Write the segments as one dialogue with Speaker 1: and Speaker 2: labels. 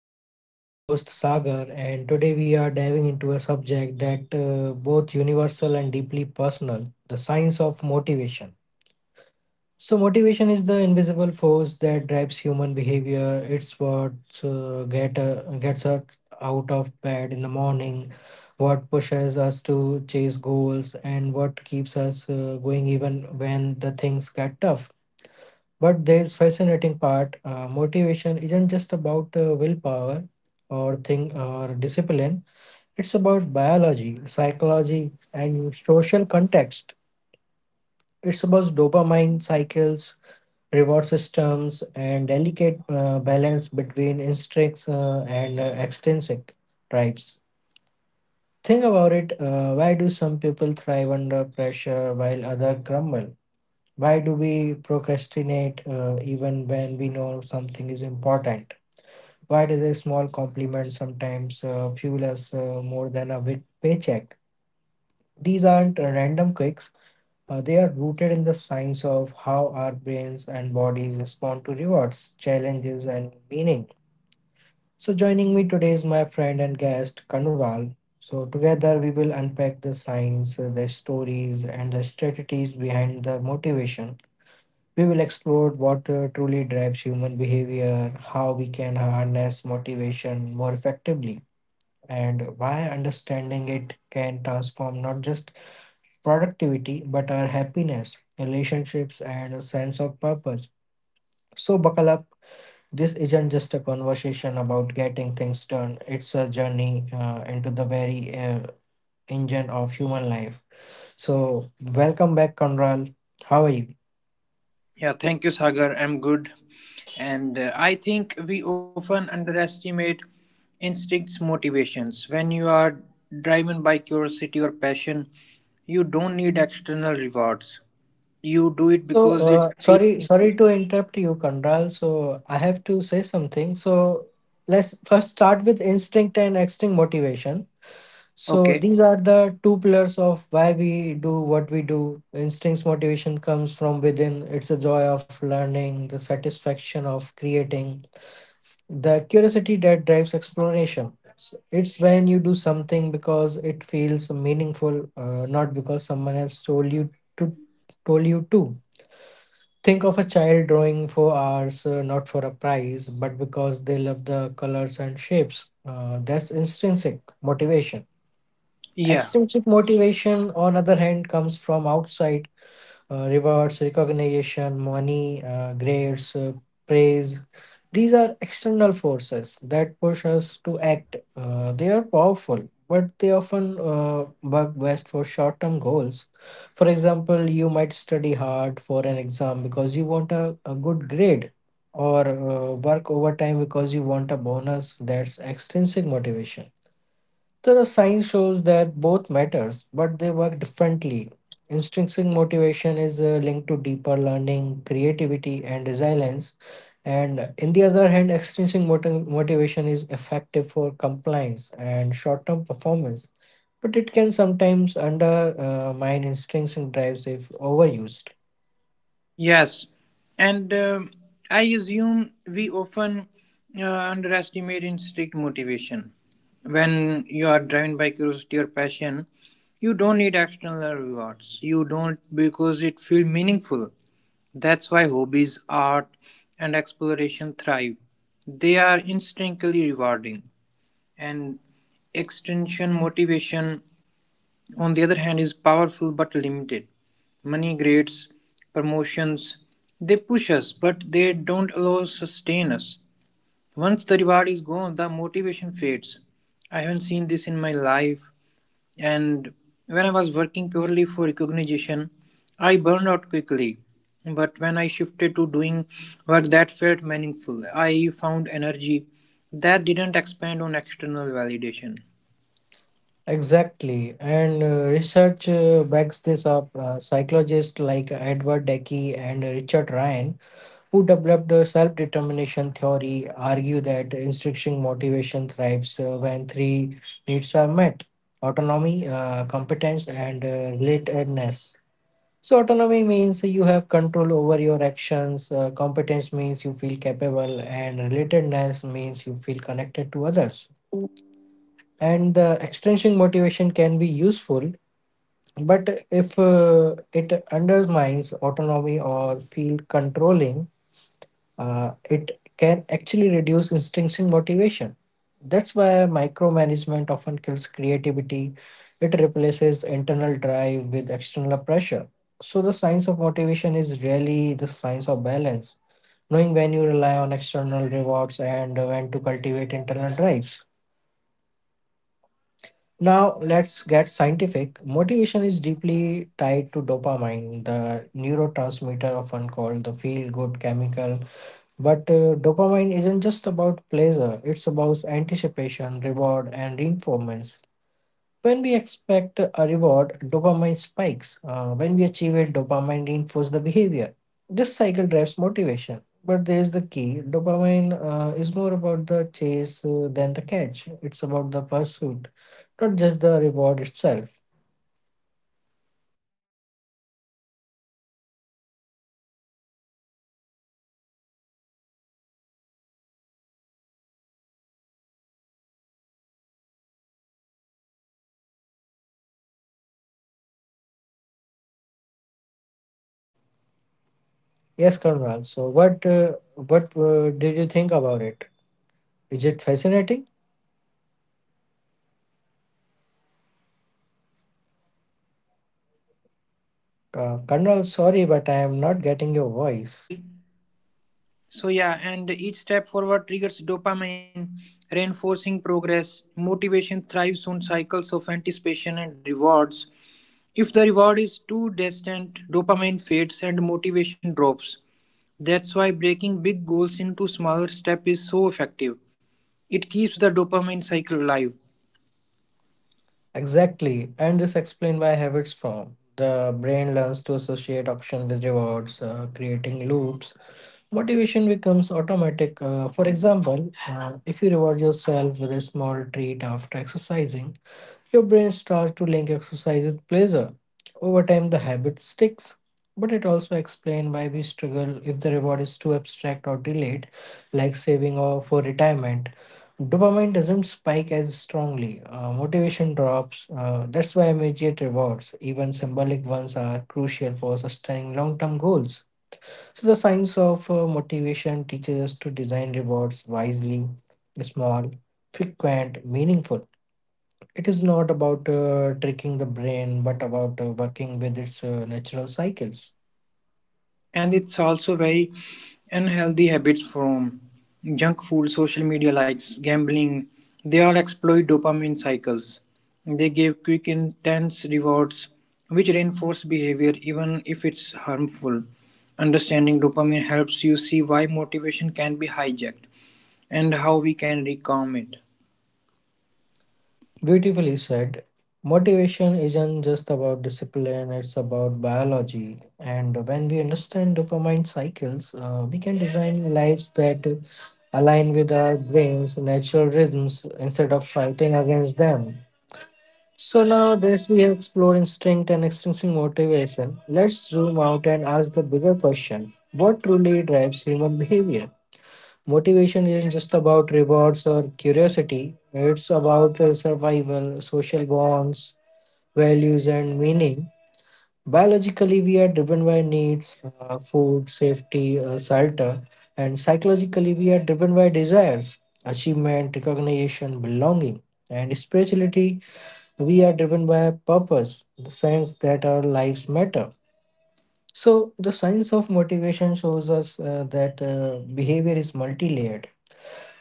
Speaker 1: with Viz. I'm your host Sagar, and today we are diving into a subject that both universal and deeply personal: the science of motivation. So, motivation is the invisible force that drives human behavior. It's what gets us out of bed in the morning, what pushes us to chase goals, and what keeps us going even when the things get tough. But there's fascinating part. Motivation isn't just about willpower or thing or discipline. It's about biology, psychology, and social context. It's about dopamine cycles, reward systems, and delicate balance between instincts and extrinsic drives. Think about it. Why do some people thrive under pressure while others crumble? Why do we procrastinate even when we know something is important? Why does a small compliment sometimes fuel us more than a big paycheck? These aren't random quicks. They are rooted in the science of how our brains and bodies respond to rewards, challenges, and meaning. So, joining me today is my friend and guest, Kanural. So, together we will unpack the science, the stories, and the strategies behind the motivation. We will explore what truly drives human behavior, how we can harness motivation more effectively, and why understanding it can transform not just productivity but our happiness, relationships, and a sense of purpose. So, buckle up. This isn't just a conversation about getting things done, it's a journey into the very engine of human life. So, welcome back, Conral. How are you?
Speaker 2: Yeah, thank you, Sagar. I'm good. And I think we often underestimate instincts, motivations. When you are driven by curiosity or passion, you don't need external rewards. You do it
Speaker 1: So,
Speaker 2: because it
Speaker 1: uh,
Speaker 2: feels
Speaker 1: sorry,
Speaker 2: meaningful.
Speaker 1: sorry to interrupt you, Kandral. So, I have to say something. So, let's first start with instinct and extinct motivation. So,
Speaker 2: Okay.
Speaker 1: these are the two pillars of why we do what we do. Instinct's motivation comes from within. It's the joy of learning, the satisfaction of creating, the curiosity that drives exploration. So it's when you do something because it feels meaningful, not because someone has to told you to. Think of a child drawing for hours, not for a prize, but because they love the colors and shapes. That's intrinsic motivation.
Speaker 2: Yeah.
Speaker 1: Extrinsic motivation, on other hand, comes from outside rewards, recognition, money, grades, praise. These are external forces that push us to act. They are powerful, but they often work best for short term goals. For example, you might study hard for an exam because you want a good grade, or work overtime because you want a bonus. That's extrinsic motivation. So the science shows that both matters, but they work differently. Intrinsic motivation is linked to deeper learning, creativity, and resilience. And in the other hand, motivation is effective for compliance and short-term performance, but it can sometimes undermine intrinsic drives if overused.
Speaker 2: Yes, and I assume we often underestimate instinct motivation. When you are driven by curiosity or passion, you don't need external rewards. You don't because it feels meaningful. That's why hobbies, art, and exploration thrive. They are instinctively rewarding, and extension motivation, on the other hand, is powerful but limited. Money, grades, promotions, they push us, but they don't allow sustain us. Once the reward is gone, the motivation fades. I haven't seen this in my life, and when I was working purely for recognition, I burned out quickly. But when I shifted to doing work that felt meaningful, I found energy that didn't expand on external validation.
Speaker 1: Exactly, and research backs this up. Psychologists like Edward Deci and Richard Ryan who developed a self determination theory, argue that intrinsic motivation thrives when three needs are met autonomy, competence, and relatedness. So, autonomy means you have control over your actions, competence means you feel capable, and relatedness means you feel connected to others and the extrinsic motivation can be useful but if it undermines autonomy or feel controlling it can actually reduce intrinsic motivation. That's why micromanagement often kills creativity. It replaces internal drive with external pressure. So, the science of motivation is really the science of balance, knowing when you rely on external rewards and when to cultivate internal drives. Now, let's get scientific. Motivation is deeply tied to dopamine, the neurotransmitter often called the feel good chemical but dopamine isn't just about pleasure, it's about anticipation, reward, and reinforcement. When we expect a reward, dopamine spikes. When we achieve it, dopamine reinforces the behavior. This cycle drives motivation. But there's the key dopamine is more about the chase than the catch, it's about the pursuit, not just the reward itself.
Speaker 2: Yes, and It's fascinating. Dopamine isn't about the reward itself, it's about the anticipation. That's why chasing goals feels exciting. The brain releases dopamine when we anticipate success, not just when we achieve it.
Speaker 1: Yes, Conrad.
Speaker 2: They
Speaker 1: So, what did you think about it? Is it fascinating?
Speaker 2: Yes, that's also why small win matters. Each step forward trigger
Speaker 1: Karnal, sorry,
Speaker 2: and
Speaker 1: but I am not
Speaker 2: I
Speaker 1: getting your
Speaker 2: would have to
Speaker 1: voice.
Speaker 2: say So, yeah, and each step forward triggers dopamine, reinforcing progress. Motivation thrives on cycles of anticipation and rewards. If the reward is too distant, dopamine fades and motivation drops. That's why breaking big goals into smaller steps is so effective. It keeps the dopamine cycle alive.
Speaker 1: Exactly, and this explains why habits form. The brain learns to associate action with rewards, creating loops. Motivation becomes automatic. For example, if you reward yourself with a small treat after exercising, Your brain starts to link exercise with pleasure. Over time, the habit sticks. But it also explains why we struggle if the reward is too abstract or delayed, like saving or for retirement. Dopamine doesn't spike as strongly. Motivation drops. That's why immediate rewards, even symbolic ones, are crucial for sustaining long-term goals. So the science of motivation teaches us to design rewards wisely, small, frequent, meaningful. It is not about tricking the brain, but about working with its natural cycles.
Speaker 2: And it's also very unhealthy habits from junk food, social media likes, gambling. They all exploit dopamine cycles. They give quick intense rewards which reinforce behavior even if it's harmful. Understanding dopamine helps you see why motivation can be hijacked and how we can reclaim it.
Speaker 1: Beautifully said. Motivation isn't just about discipline, it's about biology. And when we understand dopamine cycles, we can design lives that align with our brain's natural rhythms instead of fighting against them. So now this we have explored instinct and extrinsic motivation. Let's zoom out and ask the bigger question. What truly drives human behavior? Motivation isn't just about rewards or curiosity, it's about survival, social bonds, values, and meaning. Biologically, we are driven by needs, food, safety, shelter, and psychologically, we are driven by desires, achievement, recognition, belonging. And spirituality, we are driven by purpose, the sense that our lives matter. So, the science of motivation shows us that behavior is multi layered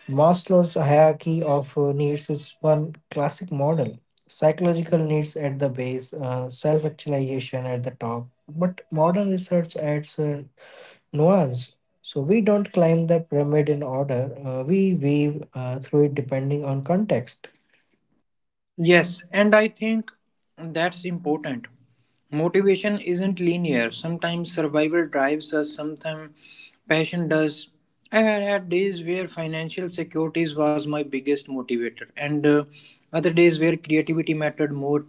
Speaker 1: Maslow's hierarchy of needs is one classic model. Psychological needs at the base, self actualization at the top. But modern research adds a nuance. So we don't climb the pyramid in order, we weave through it depending on context.
Speaker 2: Yes, and I think that's important. Motivation isn't linear. Sometimes survival drives us, sometimes passion does. I have had days where financial securities was my biggest motivator, and other days where creativity mattered more.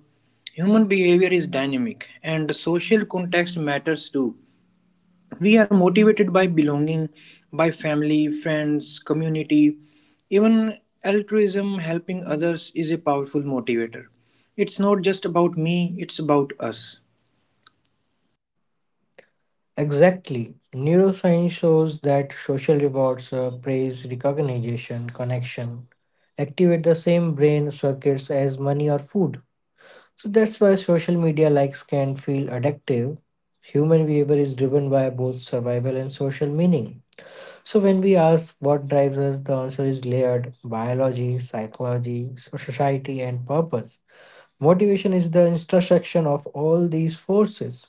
Speaker 2: Human behavior is dynamic, and social context matters too. We are motivated by belonging, by family, friends, community. Even altruism, helping others, is a powerful motivator. It's not just about me, it's about us.
Speaker 1: Exactly. Neuroscience shows that social rewards, praise, recognition, connection activate the same brain circuits as money or food. So that's why social media likes can feel addictive. Human behavior is driven by both survival and social meaning. So when we ask what drives us, the answer is layered biology, psychology, society, and purpose. Motivation is the intersection of all these forces.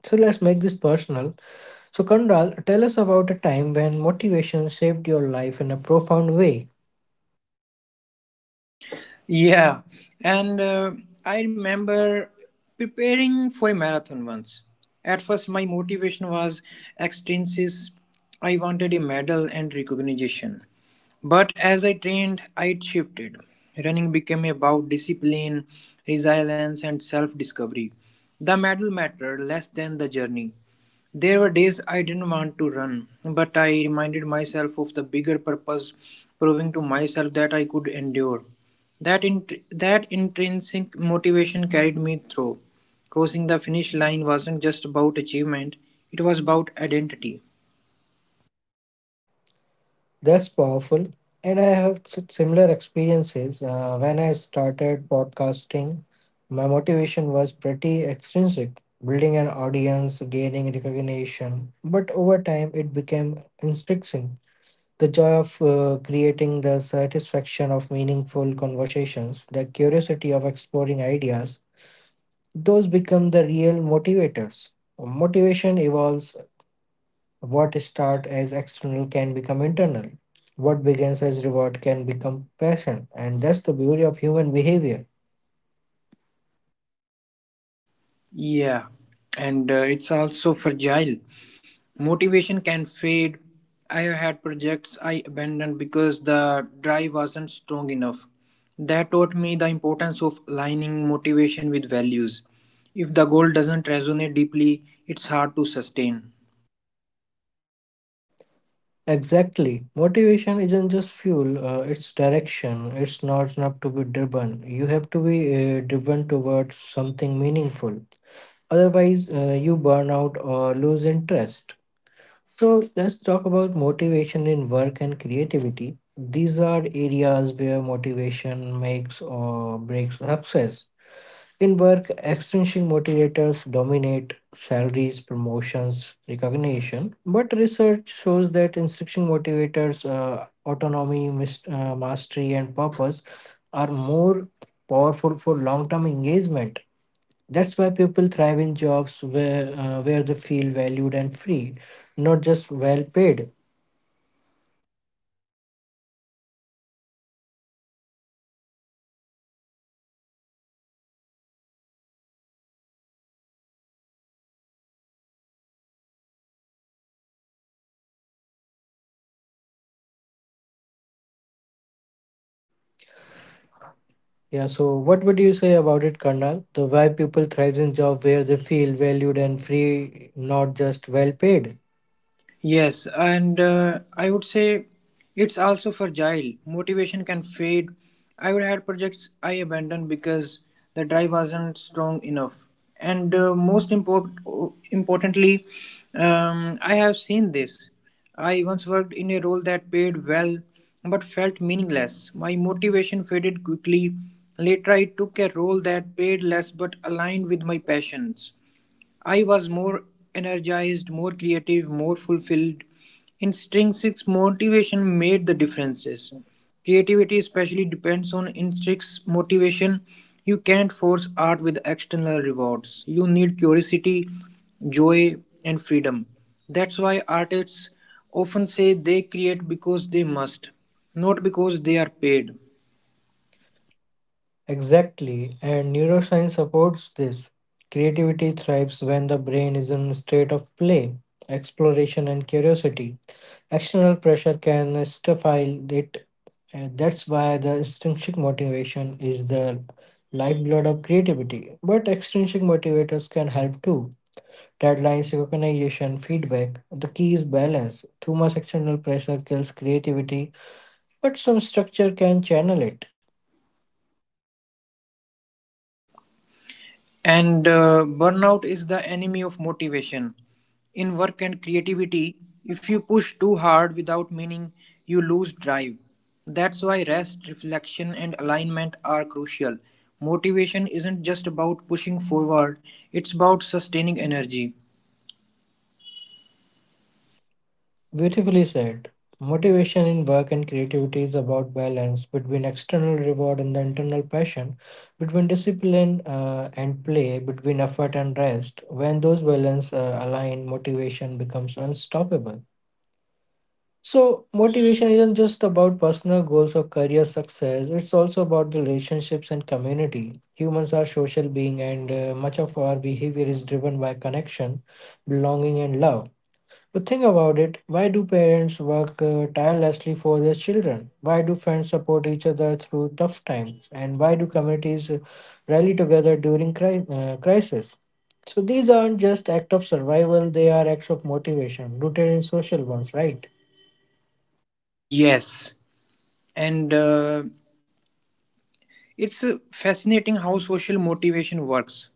Speaker 1: So let's make this personal. So, Kandral, tell us about a time when motivation saved your life in a profound way.
Speaker 2: Yeah, and I remember preparing for a marathon once. At first, my motivation was extrinsic. I wanted a medal and recognition. But as I trained, it shifted. Running became about discipline, resilience, and self discovery. The medal mattered less than the journey. There were days I didn't want to run, but I reminded myself of the bigger purpose, proving to myself that I could endure. That intrinsic motivation carried me through. Crossing the finish line wasn't just about achievement, it was about identity.
Speaker 1: That's powerful. And I have similar experiences. When I started podcasting, my motivation was pretty extrinsic, building an audience, gaining recognition. But over time, it became intrinsic. The joy of creating, the satisfaction of meaningful conversations, the curiosity of exploring ideas, those become the real motivators. Motivation evolves what start as external can become internal. What begins as reward can become passion. And that's the beauty of human behavior.
Speaker 2: Yeah, and It's also fragile. Motivation can fade. I have had projects I abandoned because the drive wasn't strong enough. That taught me the importance of aligning motivation with values. If the goal doesn't resonate deeply, it's hard to sustain.
Speaker 1: Exactly. Motivation isn't just fuel, it's direction. It's not enough to be driven. You have to be driven towards something meaningful. Otherwise, you burn out or lose interest. So, let's talk about motivation in work and creativity. These are areas where motivation makes or breaks success. In work, extrinsic motivators dominate salaries, promotions, recognition, but research shows that intrinsic motivators, autonomy, mastery, and purpose, are more powerful for long term engagement. That's why people thrive in jobs where they feel valued and free, not just well paid. Yeah, so what would you say about it, Karnal? The why people thrives in job where they feel valued and free, not just well paid.
Speaker 2: Yes, and I would say it's also fragile. Motivation can fade. I would had projects I abandoned because the drive wasn't strong enough. And most importantly, I have seen this. I once worked in a role that paid well but felt meaningless. My motivation faded quickly. Later, I took a role that paid less but aligned with my passions. I was more energized, more creative, more fulfilled. Intrinsic motivation made the differences. Creativity especially depends on intrinsic motivation. You can't force art with external rewards. You need curiosity, joy, and freedom. That's why artists often say they create because they must, not because they are paid.
Speaker 1: Exactly, and neuroscience supports this. Creativity thrives when the brain is in a state of play, exploration, and curiosity. External pressure can stifle it, and that's why the intrinsic motivation is the lifeblood of creativity. But extrinsic motivators can help too. Deadlines, recognition, feedback. The key is balance. Too much external pressure kills creativity, but some structure can channel it.
Speaker 2: And Burnout is the enemy of motivation. In work and creativity, if you push too hard without meaning, you lose drive. That's why rest, reflection, and alignment are crucial. Motivation isn't just about pushing forward, it's about sustaining energy.
Speaker 1: Beautifully said. Motivation in work and creativity is about balance between external reward and the internal passion, between discipline and play, between effort and rest. When those balance align, motivation becomes unstoppable. So, motivation isn't just about personal goals or career success, it's also about the relationships and community. Humans are social beings, and much of our behavior is driven by connection, belonging, and love. But think about it why do parents work tirelessly for their children? Why do friends support each other through tough times? And why do communities rally together during crisis? So these aren't just acts of survival, they are acts of motivation rooted in social ones, right?
Speaker 2: Yes. And It's fascinating how social motivation works.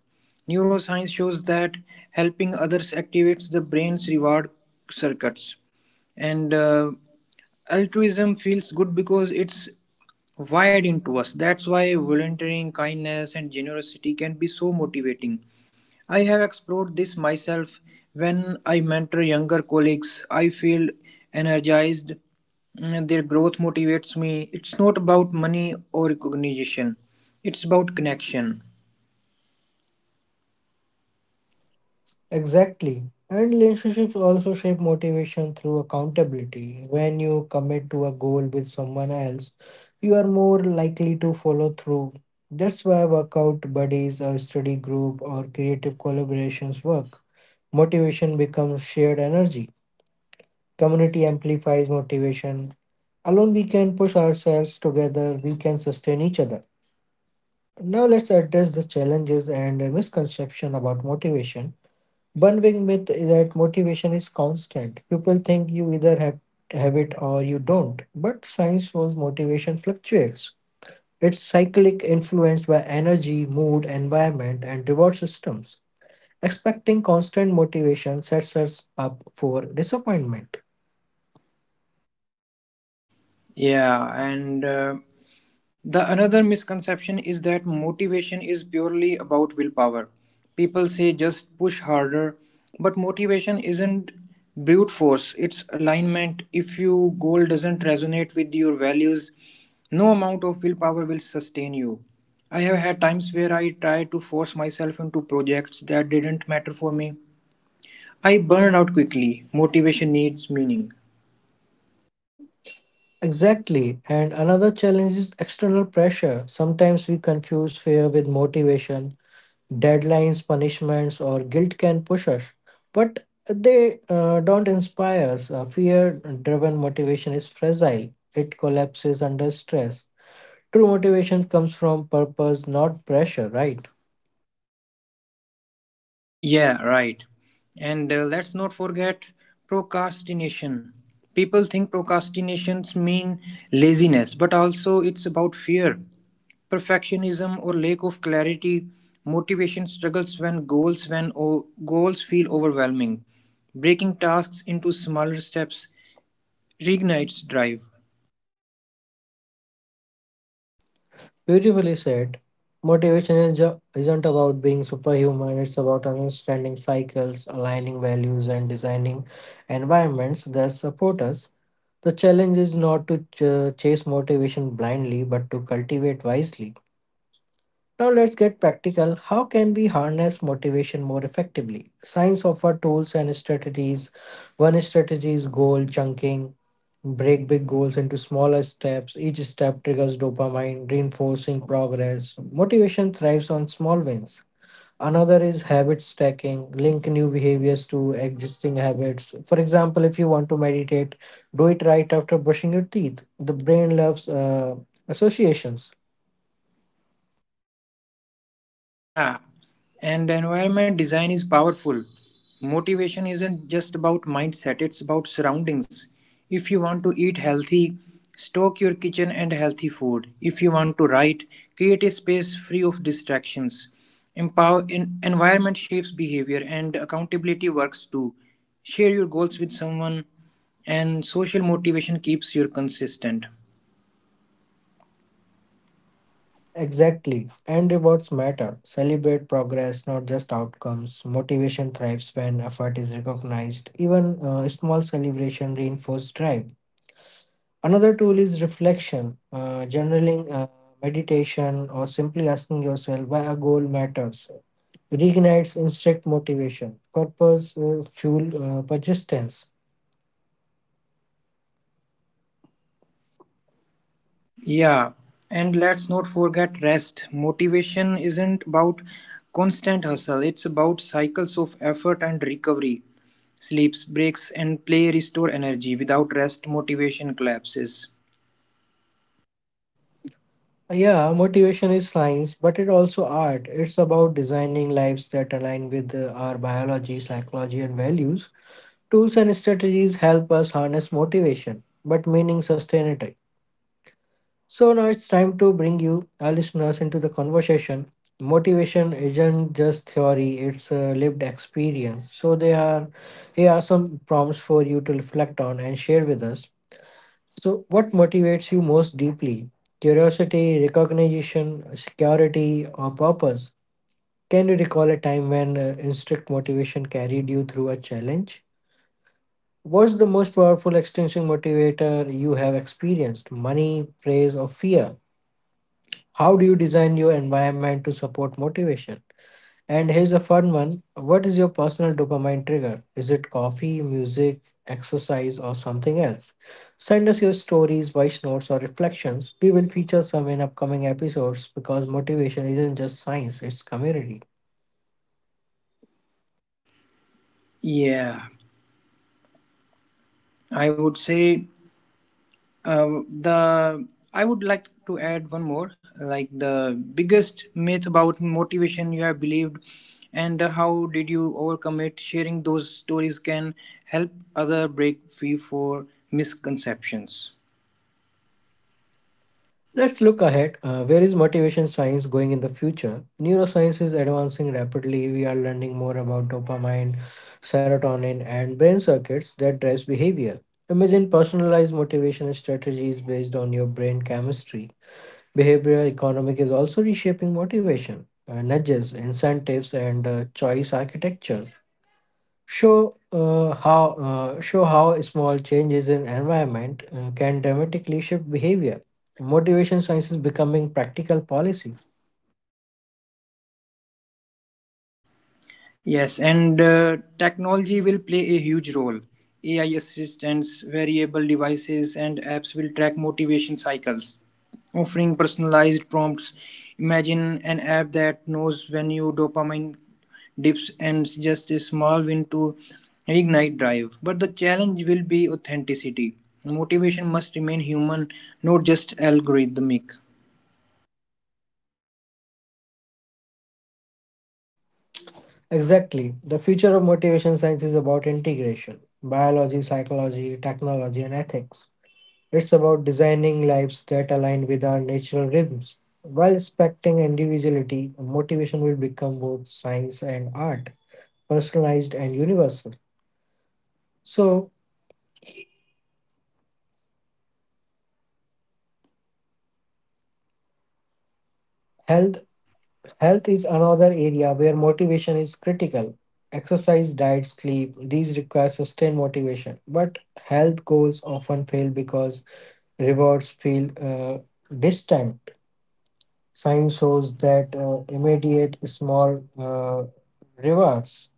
Speaker 2: Neuroscience shows that helping others activates the brain's reward circuits. And altruism feels good because it's wired into us. That's why volunteering, kindness, and generosity can be so motivating. I have explored this myself. When I mentor younger colleagues, I feel energized. Their growth motivates me. It's not about money or recognition, it's about connection.
Speaker 1: Exactly. And relationships also shape motivation through accountability. When you commit to a goal with someone else, you are more likely to follow through. That's why workout buddies, a study group, or creative collaborations work. Motivation becomes shared energy. Community amplifies motivation. Alone, we can push ourselves together, we can sustain each other. Now, let's address the challenges and misconception about motivation. One big myth is that motivation is constant. People think you either have it or you don't. But science shows motivation fluctuates. It's cyclic, influenced by energy, mood, environment, and reward systems. Expecting constant motivation sets us up for disappointment.
Speaker 2: Yeah, and The another misconception is that motivation is purely about willpower. People say just push harder, but motivation isn't brute force, it's alignment. If your goal doesn't resonate with your values, no amount of willpower will sustain you. I have had times where I tried to force myself into projects that didn't matter for me. I burned out quickly. Motivation needs meaning.
Speaker 1: Exactly. And another challenge is external pressure. Sometimes we confuse fear with motivation. Deadlines, punishments, or guilt can push us, but they don't inspire us. Fear driven motivation is fragile, it collapses under stress. True motivation comes from purpose, not pressure, right?
Speaker 2: Yeah, right. And Let's not forget procrastination. People think procrastinations mean laziness, but also it's about fear, perfectionism, or lack of clarity. Motivation struggles when goals feel overwhelming. Breaking tasks into smaller steps reignites drive.
Speaker 1: Beautifully said. Isn't about being superhuman, it's about understanding cycles, aligning values, and designing environments that support us. The challenge is not to chase motivation blindly, but to cultivate wisely. Now let's get practical. How can we harness motivation more effectively? Science offers tools and strategies. One strategy is goal chunking. Break big goals into smaller steps. Each step triggers dopamine, reinforcing progress. Motivation thrives on small wins. Another is habit stacking. Link new behaviors to existing habits. For example, if you want to meditate, do it right after brushing your teeth. The brain loves associations.
Speaker 2: Yeah, and environment design is powerful. Motivation isn't just about mindset, it's about surroundings. If you want to eat healthy, stock your kitchen and healthy food. If you want to write, create a space free of distractions. Environment shapes behavior, and accountability works too. Share your goals with someone, and social motivation keeps you consistent.
Speaker 1: Exactly. And rewards matter. Celebrate progress, not just outcomes. Motivation thrives when effort is recognized. Even small celebration reinforce drive. Another tool is reflection, journaling, meditation, or simply asking yourself why a goal matters. Reignites instant motivation. Purpose fuel persistence.
Speaker 2: Yeah, and let's not forget rest. Motivation isn't about constant hustle, it's about cycles of effort and recovery. Sleeps, breaks, and play restore energy. Without rest, motivation collapses.
Speaker 1: Yeah, motivation is science, but it also art. It's about designing lives that align with our biology, psychology, and values. Tools and strategies help us harness motivation, but meaning sustainability. So now it's time to bring you, our listeners, into the conversation. Motivation isn't just theory, it's a lived experience. So there are Here are some prompts for you to reflect on and share with us. So what motivates you most deeply? Curiosity, recognition, security, or purpose? Can you recall a time when instinct motivation carried you through a challenge? What's the most powerful extinction motivator you have experienced? Money, praise, or fear? How do you design your environment to support motivation? And here's a fun one. What is your personal dopamine trigger? Is it coffee, music, exercise, or something else? Send us your stories, voice notes, or reflections. We will feature some in upcoming episodes because motivation isn't just science, it's community.
Speaker 2: Yeah, I would say Uh, the I would like to add one more, like the biggest myth about motivation you have believed, and how did you overcome it. Sharing those stories can help other break free for misconceptions.
Speaker 1: Let's look ahead. Where is motivation science going in the future? Neuroscience is advancing rapidly. We are learning more about dopamine, serotonin, and brain circuits that drives behavior. Imagine personalized motivation strategies based on your brain chemistry. Behavioral economic is also reshaping motivation, nudges, incentives, and choice architecture show how small changes in environment can dramatically shift behavior. Motivation science is becoming practical policy.
Speaker 2: Yes, and Technology will play a huge role. AI assistants, variable devices, and apps will track motivation cycles, offering personalized prompts. Imagine an app that knows when your dopamine dips and suggests a small win to reignite drive. But the challenge will be authenticity. Motivation must remain human, not just algorithmic.
Speaker 1: Exactly. The future of motivation science is about integration, biology, psychology, technology, and ethics. It's about designing lives that align with our natural rhythms. While respecting individuality, motivation will become both science and art, personalized and universal. So, health Health is another area where motivation is critical. Exercise, diet, sleep, these require sustained motivation. But health goals often fail because rewards feel distant. Science shows that immediate small rewards,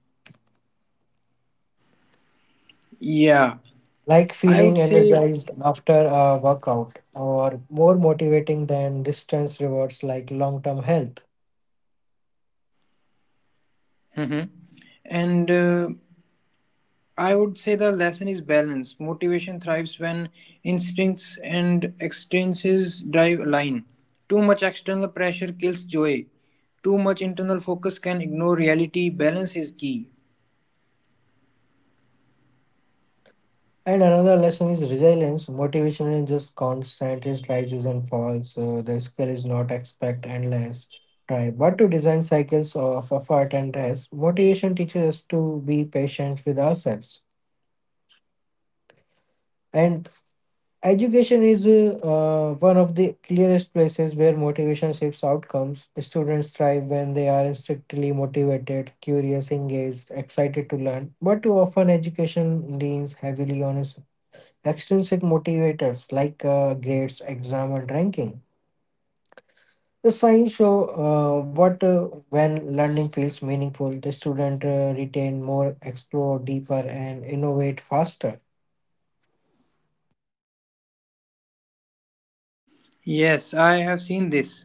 Speaker 2: Yeah,
Speaker 1: like
Speaker 2: I would
Speaker 1: feeling
Speaker 2: say.
Speaker 1: energized after a workout, are more motivating than distance rewards like long term health.
Speaker 2: Mhm. And I would say the lesson is balance. Motivation thrives when instincts and extrinsics drive align. Too much external pressure kills joy. Too much internal focus can ignore reality. Balance is key.
Speaker 1: And another lesson is resilience. Motivation is just constant, it rises and falls. So the skill is not expect endless try, but to design cycles of effort and rest. Motivation teaches us to be patient with ourselves. And education is one of the clearest places where motivation shapes outcomes. Students thrive when they are strictly motivated, curious, engaged, excited to learn. But too often, education leans heavily on extrinsic motivators like grades, exam, and ranking. The science show what When learning feels meaningful, the student retain more, explore deeper, and innovate faster.
Speaker 2: Yes, I have seen this.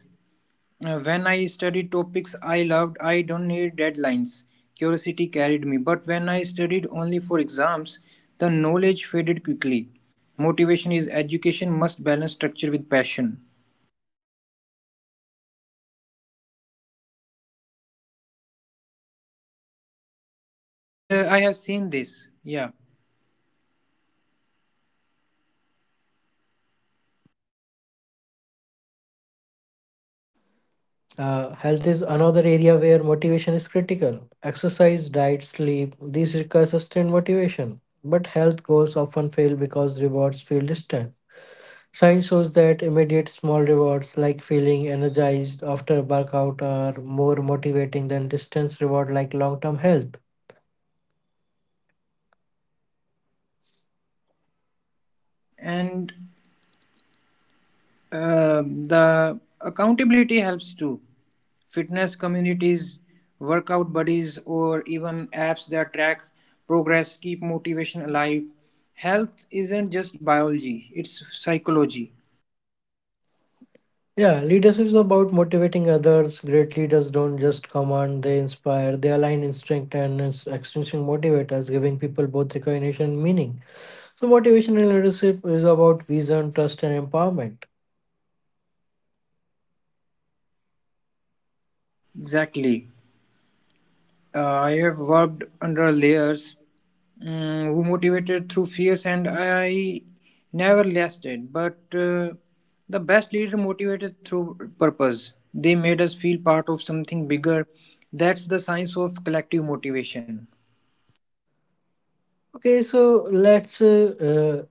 Speaker 2: When I studied topics I loved, I don't need deadlines. Curiosity carried me. But when I studied only for exams, the knowledge faded quickly. Motivation is education must balance structure with passion. And I have seen this, yeah.
Speaker 1: Health is another area where motivation is critical. Exercise, diet, sleep, these require sustained motivation. But health goals often fail because rewards feel distant. Science shows that immediate small rewards like feeling energized after a workout are more motivating than distance reward like long-term health.
Speaker 2: And uh, the accountability helps too. Fitness communities, workout buddies, or even apps that track progress keep motivation alive. Health isn't just biology, it's psychology.
Speaker 1: Yeah, leadership is about motivating others. Great leaders don't just command, they inspire, they align extrinsic motivators, giving people both recognition and meaning. So motivation and leadership is about vision, trust and empowerment.
Speaker 2: Exactly. I have worked under layers, who motivated through fears, and I never lasted. But the best leader motivated through purpose. They made us feel part of something bigger. That's the science of collective motivation.
Speaker 1: Okay, so let's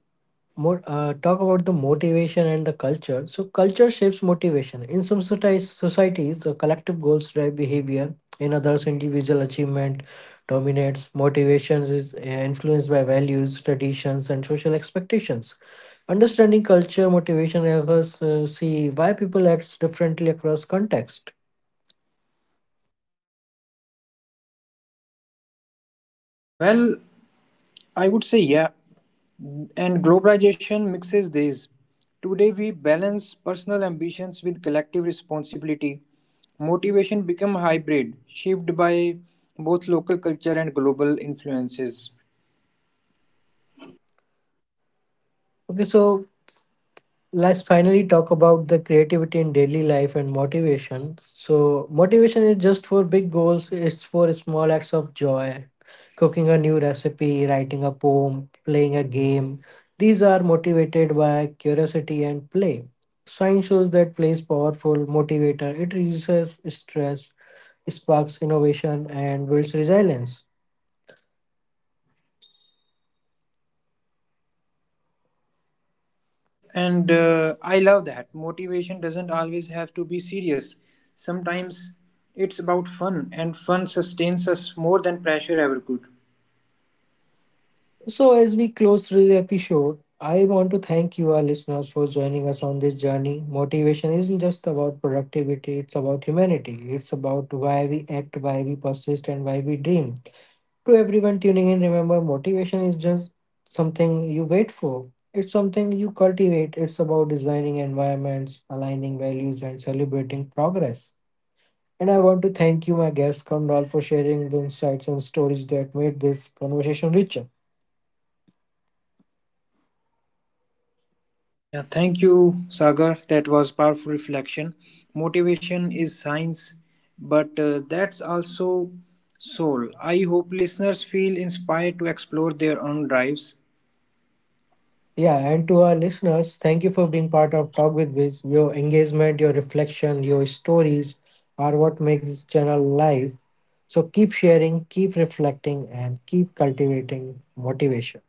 Speaker 1: More talk about the motivation and the culture. So culture shapes motivation. In some societies, the collective goals drive behavior. In others, individual achievement dominates. Motivation is influenced by values, traditions, and social expectations. Understanding culture motivation helps us see why people act differently across context.
Speaker 2: Well, I would say yeah. And globalization mixes these. Today, we balance personal ambitions with collective responsibility. Motivation become hybrid, shaped by both local culture and global influences.
Speaker 1: Okay, so let's finally talk about the creativity in daily life and motivation. So, motivation is just for big goals, it's for small acts of joy, cooking a new recipe, writing a poem, playing a game. These are motivated by curiosity and play. Science shows that play is powerful motivator. It reduces stress, sparks innovation, and builds resilience.
Speaker 2: Yep, and I love that. Motivation doesn't always have to be serious. Sometimes it's about fun, and fun sustains us more than pressure ever could.
Speaker 1: So, as we close this episode, I want to thank you, our listeners, for joining us on this journey. Motivation isn't just about productivity, it's about humanity. It's about why we act, why we persist, and why we dream. To everyone tuning in, remember motivation is just something you wait for, it's something you cultivate. It's about designing environments, aligning values, and celebrating progress. And I want to thank you, my guest, Kamral, for sharing the insights and stories that made this conversation richer.
Speaker 2: Yeah, thank you, Sagar. That was powerful reflection. Motivation is science, but that's also soul. I hope listeners feel inspired to explore their own drives,
Speaker 1: Yeah, and to our listeners, thank you for being part of Talk with Viz. Your engagement, your reflection, your stories are what makes this channel live. So keep sharing, keep reflecting, and keep cultivating motivation.